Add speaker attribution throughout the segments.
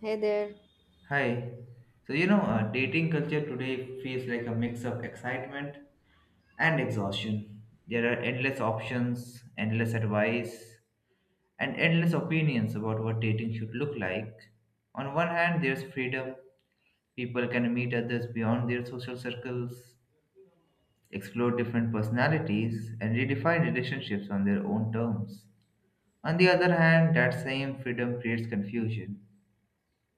Speaker 1: Hey there.
Speaker 2: Hi. Dating culture today feels like a mix of excitement and exhaustion. There are endless options, endless advice, and endless opinions about what dating should look like. On one hand, there's freedom. People can meet others beyond their social circles, explore different personalities, and redefine relationships on their own terms. On the other hand, that same freedom creates confusion,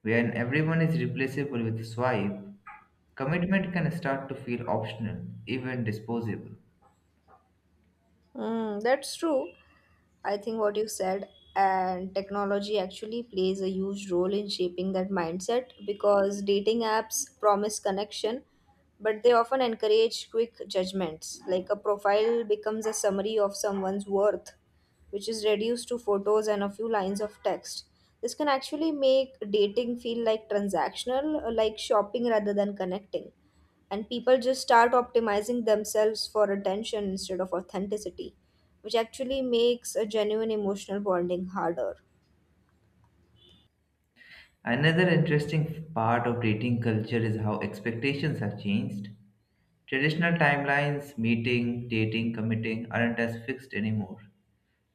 Speaker 2: wherein everyone is replaceable with a swipe. Commitment can start to feel optional, even disposable.
Speaker 1: Mm, that's true. I think what you said and technology actually plays a huge role in shaping that mindset because dating apps promise connection, but they often encourage quick judgments. Like a profile becomes a summary of someone's worth, which is reduced to photos and a few lines of text. This can actually make dating feel like transactional, like shopping rather than connecting. And people just start optimizing themselves for attention instead of authenticity which actually makes a genuine emotional bonding harder.
Speaker 2: Another interesting part of dating culture is how expectations have changed. Traditional timelines, meeting, dating, committing, aren't as fixed anymore.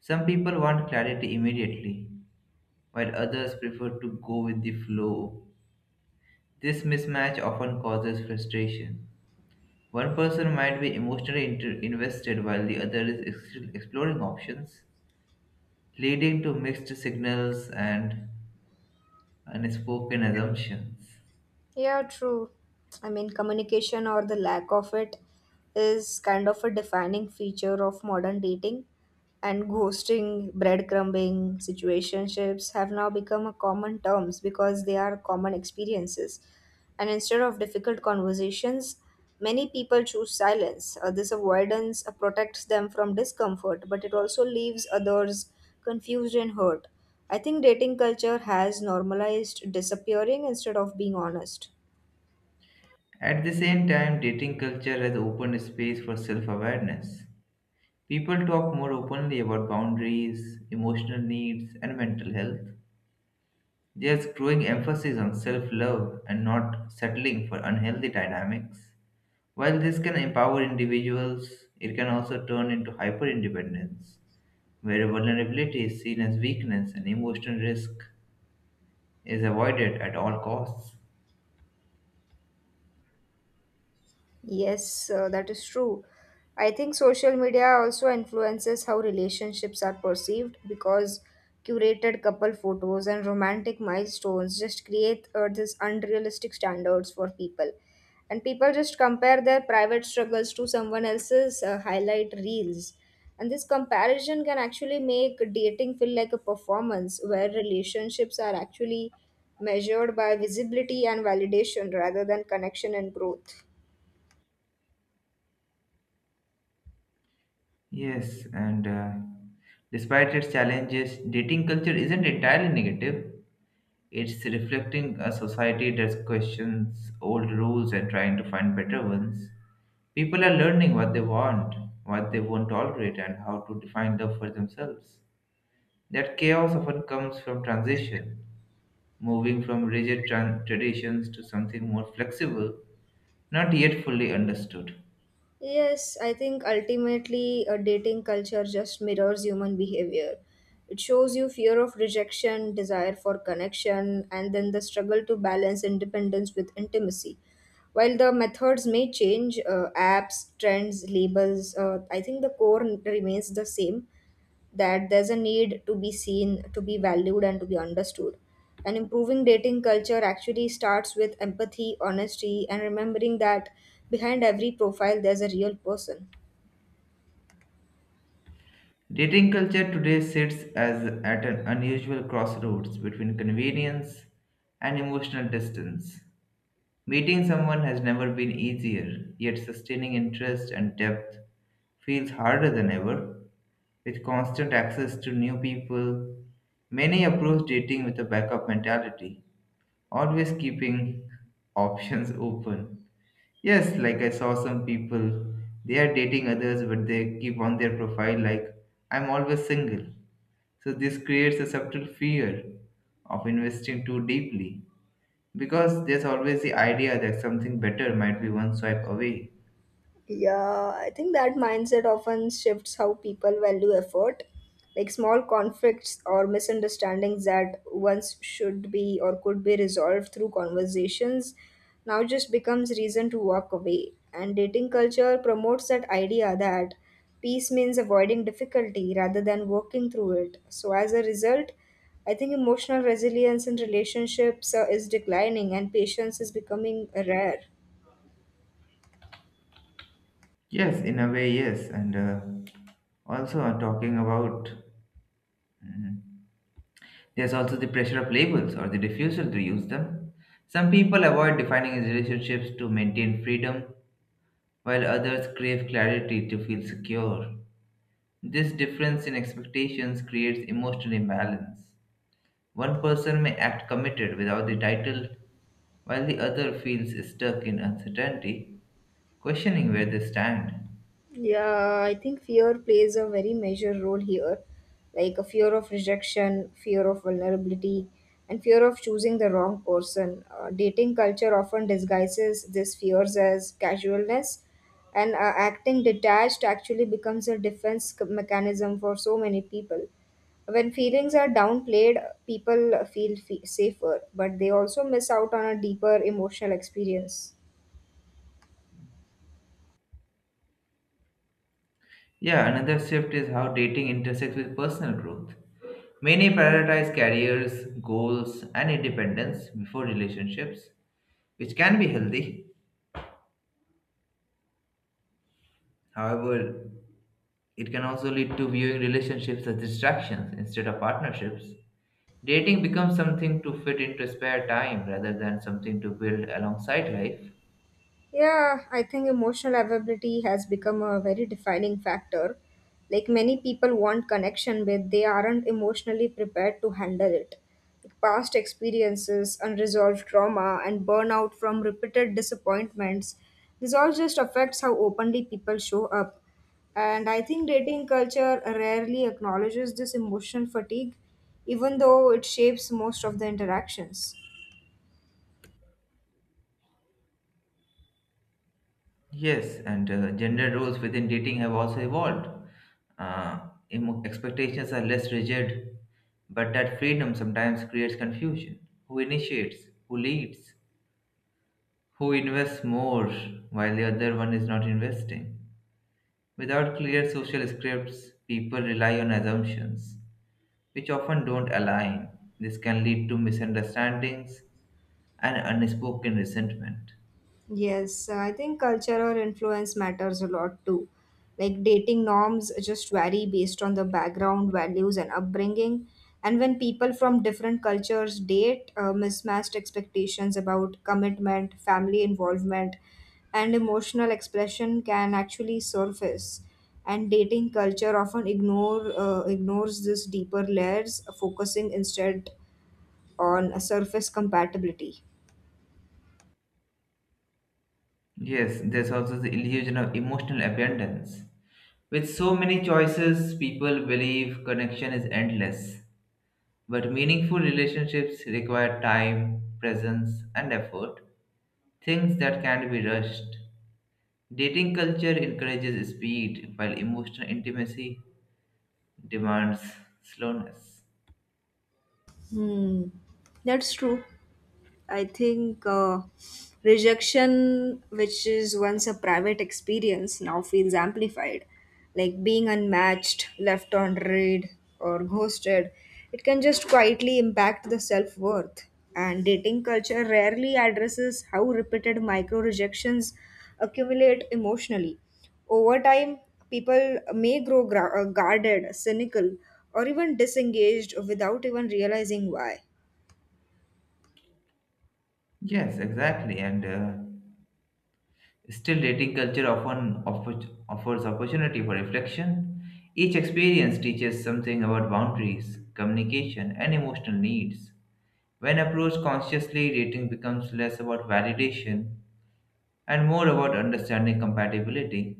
Speaker 2: Some people want clarity immediately, while others prefer to go with the flow. This mismatch often causes frustration. One person might be emotionally invested while the other is exploring options, leading to mixed signals and unspoken assumptions.
Speaker 1: Yeah, true. I mean, communication or the lack of it is kind of a defining feature of modern dating. And ghosting, breadcrumbing, situationships have now become a common terms because they are common experiences. And instead of difficult conversations, many people choose silence. This avoidance protects them from discomfort, but it also leaves others confused and hurt. I think dating culture has normalized disappearing instead of being honest.
Speaker 2: At the same time, dating culture has opened space for self awareness. People talk more openly about boundaries, emotional needs, and mental health. There's growing emphasis on self love and not settling for unhealthy dynamics. While this can empower individuals, it can also turn into hyper independence, where vulnerability is seen as weakness and emotional risk is avoided at all costs.
Speaker 1: Yes, that is true. I think social media also influences how relationships are perceived because curated couple photos and romantic milestones just create these unrealistic standards for people. And people just compare their private struggles to someone else's highlight reels. And this comparison can actually make dating feel like a performance where relationships are actually measured by visibility and validation rather than connection and growth.
Speaker 2: Yes, and despite its challenges, dating culture isn't entirely negative. It's reflecting a society that questions old rules and trying to find better ones. People are learning what they want, what they won't tolerate, and how to define love for themselves. That chaos often comes from transition, moving from rigid traditions to something more flexible, not yet fully understood.
Speaker 1: Yes, I think ultimately a dating culture just mirrors human behavior. It shows you fear of rejection, desire for connection, and then the struggle to balance independence with intimacy. While the methods may change, apps, trends, labels, I think the core remains the same that there's a need to be seen, to be valued, and to be understood. And improving dating culture actually starts with empathy, honesty, and remembering that behind every profile there's a real person.
Speaker 2: Dating culture today sits as at an unusual crossroads between convenience and emotional distance. Meeting someone has never been easier, yet sustaining interest and depth feels harder than ever. With constant access to new people, many approach dating with a backup mentality, always keeping options open. Yes, like I saw some people, they are dating others, but they keep on their profile like, I'm always single. So this creates a subtle fear of investing too deeply, because there's always the idea that something better might be one swipe away.
Speaker 1: Yeah, I think that mindset often shifts how people value effort. Like small conflicts or misunderstandings that once should be or could be resolved through conversations now just becomes reason to walk away. And dating culture promotes that idea that peace means avoiding difficulty rather than working through it. So as a result, I think emotional resilience in relationships is declining and patience is becoming rare.
Speaker 2: Yes, in a way, yes. Talking about there's also the pressure of labels or the refusal to use them. Some people avoid defining his relationships to maintain freedom, while others crave clarity to feel secure. This difference in expectations creates emotional imbalance. One person may act committed without the title, while the other feels stuck in uncertainty, questioning where they stand.
Speaker 1: Yeah, I think fear plays a very major role here, like a fear of rejection, fear of vulnerability, and fear of choosing the wrong person. Dating culture often disguises these fears as casualness, and acting detached actually becomes a defense mechanism for so many people. When feelings are downplayed, people feel safer, but they also miss out on a deeper emotional experience.
Speaker 2: Yeah, another shift is how dating intersects with personal growth. Many prioritize careers, goals, and independence before relationships, which can be healthy. However, it can also lead to viewing relationships as distractions instead of partnerships. Dating becomes something to fit into spare time rather than something to build alongside life.
Speaker 1: Yeah, I think emotional availability has become a very defining factor. Like many people want connection, but they aren't emotionally prepared to handle it. Like past experiences, unresolved trauma, and burnout from repeated disappointments, this all just affects how openly people show up. And I think dating culture rarely acknowledges this emotional fatigue, even though it shapes most of the interactions.
Speaker 2: Yes, and gender roles within dating have also evolved. Uh, Expectations are less rigid, but that freedom sometimes creates confusion. Who initiates? Who leads? Who invests more while the other one is not investing? Without clear social scripts, people rely on assumptions, which often don't align. This can lead to misunderstandings and unspoken resentment.
Speaker 1: Yes, I think cultural influence matters a lot too. Like dating norms just vary based on the background, values, and upbringing. And when people from different cultures date, mismatched expectations about commitment, family involvement, and emotional expression can actually surface. And dating culture often ignores these deeper layers, focusing instead on a surface compatibility.
Speaker 2: Yes, there's also the illusion of emotional abundance. With so many choices, people believe connection is endless. But meaningful relationships require time, presence, and effort, things that can't be rushed. Dating culture encourages speed, while emotional intimacy demands slowness.
Speaker 1: Hmm. That's true. I think rejection, which is once a private experience, now feels amplified. Like being unmatched, left on read, or ghosted, it can just quietly impact the self worth. And dating culture rarely addresses how repeated micro rejections accumulate emotionally. Over time, people may grow guarded, cynical, or even disengaged without even realizing why.
Speaker 2: Yes, exactly. And still, dating culture often offers opportunity for reflection. Each experience teaches something about boundaries, communication, and emotional needs. When approached consciously, dating becomes less about validation and more about understanding compatibility.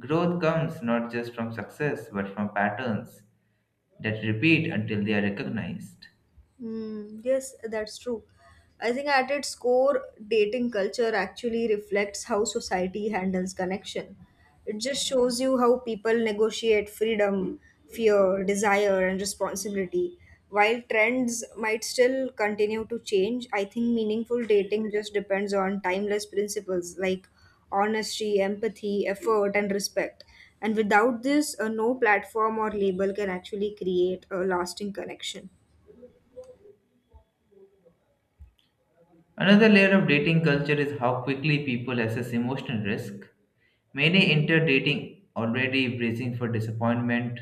Speaker 2: Growth comes not just from success but from patterns that repeat until they are recognized.
Speaker 1: Mm, yes, that's true. I think at its core, dating culture actually reflects how society handles connection. It just shows you how people negotiate freedom, fear, desire, and responsibility. While trends might still continue to change, I think meaningful dating just depends on timeless principles like honesty, empathy, effort, and respect. And without this, no platform or label can actually create a lasting connection.
Speaker 2: Another layer of dating culture is how quickly people assess emotional risk. Many enter dating already bracing for disappointment,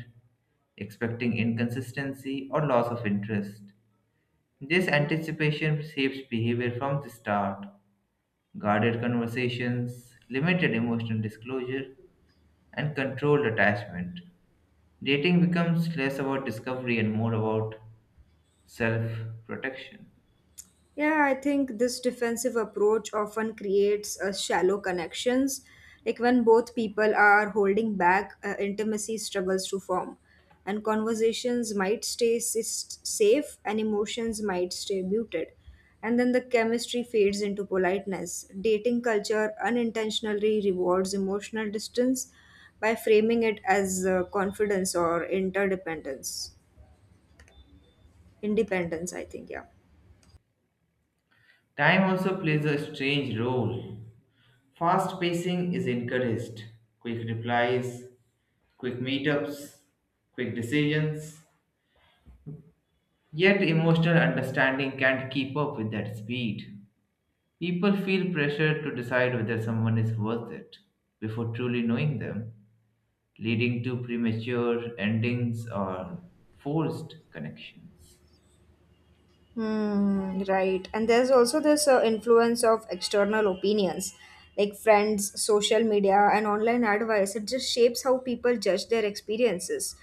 Speaker 2: expecting inconsistency, or loss of interest. This anticipation shapes behavior from the start: guarded conversations, limited emotional disclosure, and controlled attachment. Dating becomes less about discovery and more about self protection.
Speaker 1: Yeah, I think this defensive approach often creates a shallow connections. Like when both people are holding back, intimacy struggles to form, and conversations might safe and emotions might stay muted. And then the chemistry fades into politeness. Dating culture unintentionally rewards emotional distance by framing it as confidence or interdependence. Independence, I think, yeah.
Speaker 2: Time also plays a strange role. Fast pacing is encouraged: quick replies, quick meetups, quick decisions. Yet, emotional understanding can't keep up with that speed. People feel pressured to decide whether someone is worth it before truly knowing them, leading to premature endings or forced connections.
Speaker 1: Hmm, right. And there's also this influence of external opinions, like friends, social media, and online advice. It just shapes how people judge their experiences.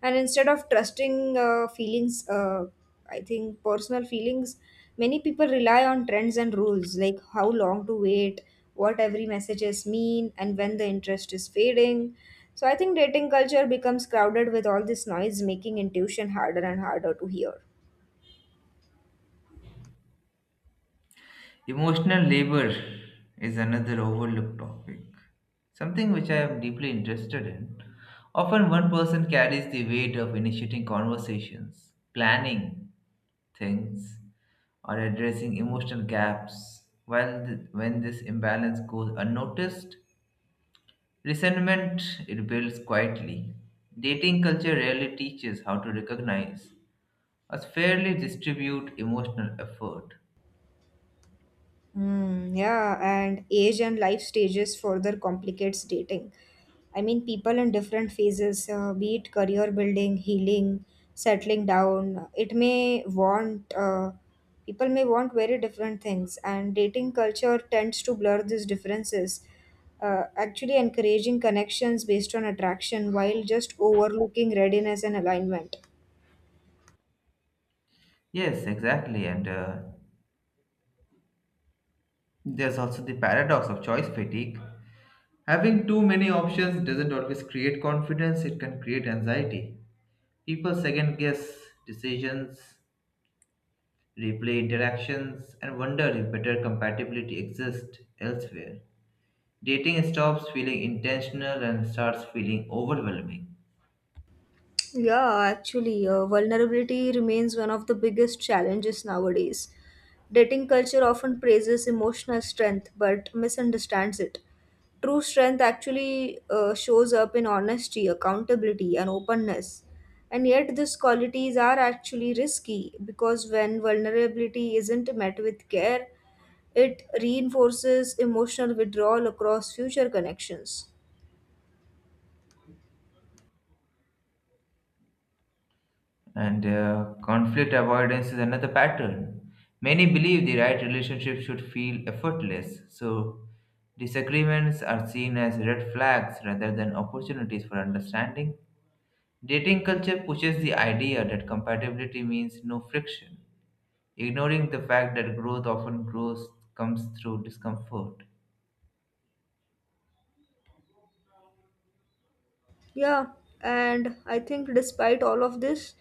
Speaker 1: And instead of trusting feelings, I think personal feelings, many people rely on trends and rules, like how long to wait, what every messages mean, and when the interest is fading. So I think dating culture becomes crowded with all this noise, making intuition harder and harder to hear.
Speaker 2: Emotional labor is another overlooked topic, something which I am deeply interested in. Often, one person carries the weight of initiating conversations, planning things, or addressing emotional gaps. When this imbalance goes unnoticed, resentment it builds quietly. Dating culture rarely teaches how to recognize us fairly distribute emotional effort.
Speaker 1: Mm, yeah, and age and life stages further complicates dating. I mean, people in different phases, be it career building, healing, settling down, people may want very different things, and dating culture tends to blur these differences, actually encouraging connections based on attraction while just overlooking readiness and alignment.
Speaker 2: Yes, exactly. And there's also the paradox of choice fatigue. Having too many options doesn't always create confidence, it can create anxiety. People second guess decisions, replay interactions, and wonder if better compatibility exists elsewhere. Dating stops feeling intentional and starts feeling overwhelming.
Speaker 1: Yeah, actually, vulnerability remains one of the biggest challenges nowadays. Dating culture often praises emotional strength but misunderstands it. True strength actually shows up in honesty, accountability, and openness. And yet, these qualities are actually risky because when vulnerability isn't met with care, it reinforces emotional withdrawal across future connections.
Speaker 2: And conflict avoidance is another pattern. Many believe the right relationship should feel effortless, so disagreements are seen as red flags rather than opportunities for understanding. Dating culture pushes the idea that compatibility means no friction, ignoring the fact that growth often grows comes through discomfort.
Speaker 1: Yeah, and I think despite all of this,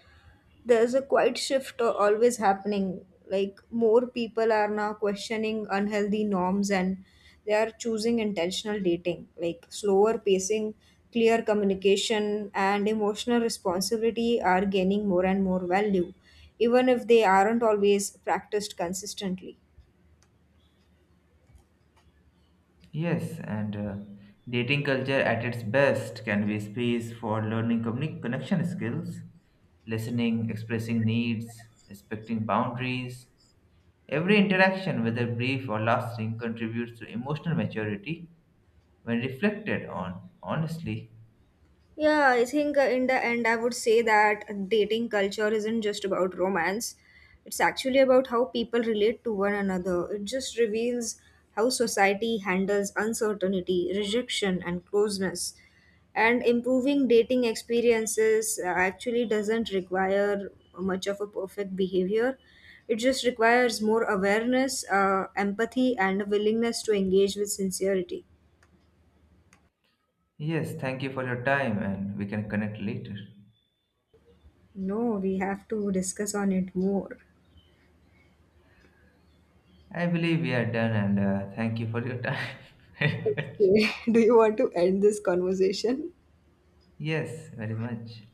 Speaker 1: there's a quiet shift always happening. Like, more people are now questioning unhealthy norms and they are choosing intentional dating, like slower pacing, clear communication, and emotional responsibility are gaining more and more value, even if they aren't always practiced consistently.
Speaker 2: Yes, and dating culture at its best can be a space for learning connection skills, listening, expressing needs, respecting boundaries. Every interaction, whether brief or lasting, contributes to emotional maturity when reflected on honestly.
Speaker 1: Yeah, I think in the end, I would say that dating culture isn't just about romance. It's actually about how people relate to one another. It just reveals how society handles uncertainty, rejection, and closeness. And improving dating experiences actually doesn't require much of a perfect behavior. It just requires more awareness, empathy, and a willingness to engage with sincerity.
Speaker 2: Yes, thank you for your time, and we can connect later.
Speaker 1: No, we have to discuss on it more.
Speaker 2: I believe we are done, and thank you for your time very much.
Speaker 1: Do you
Speaker 2: Yes, very much.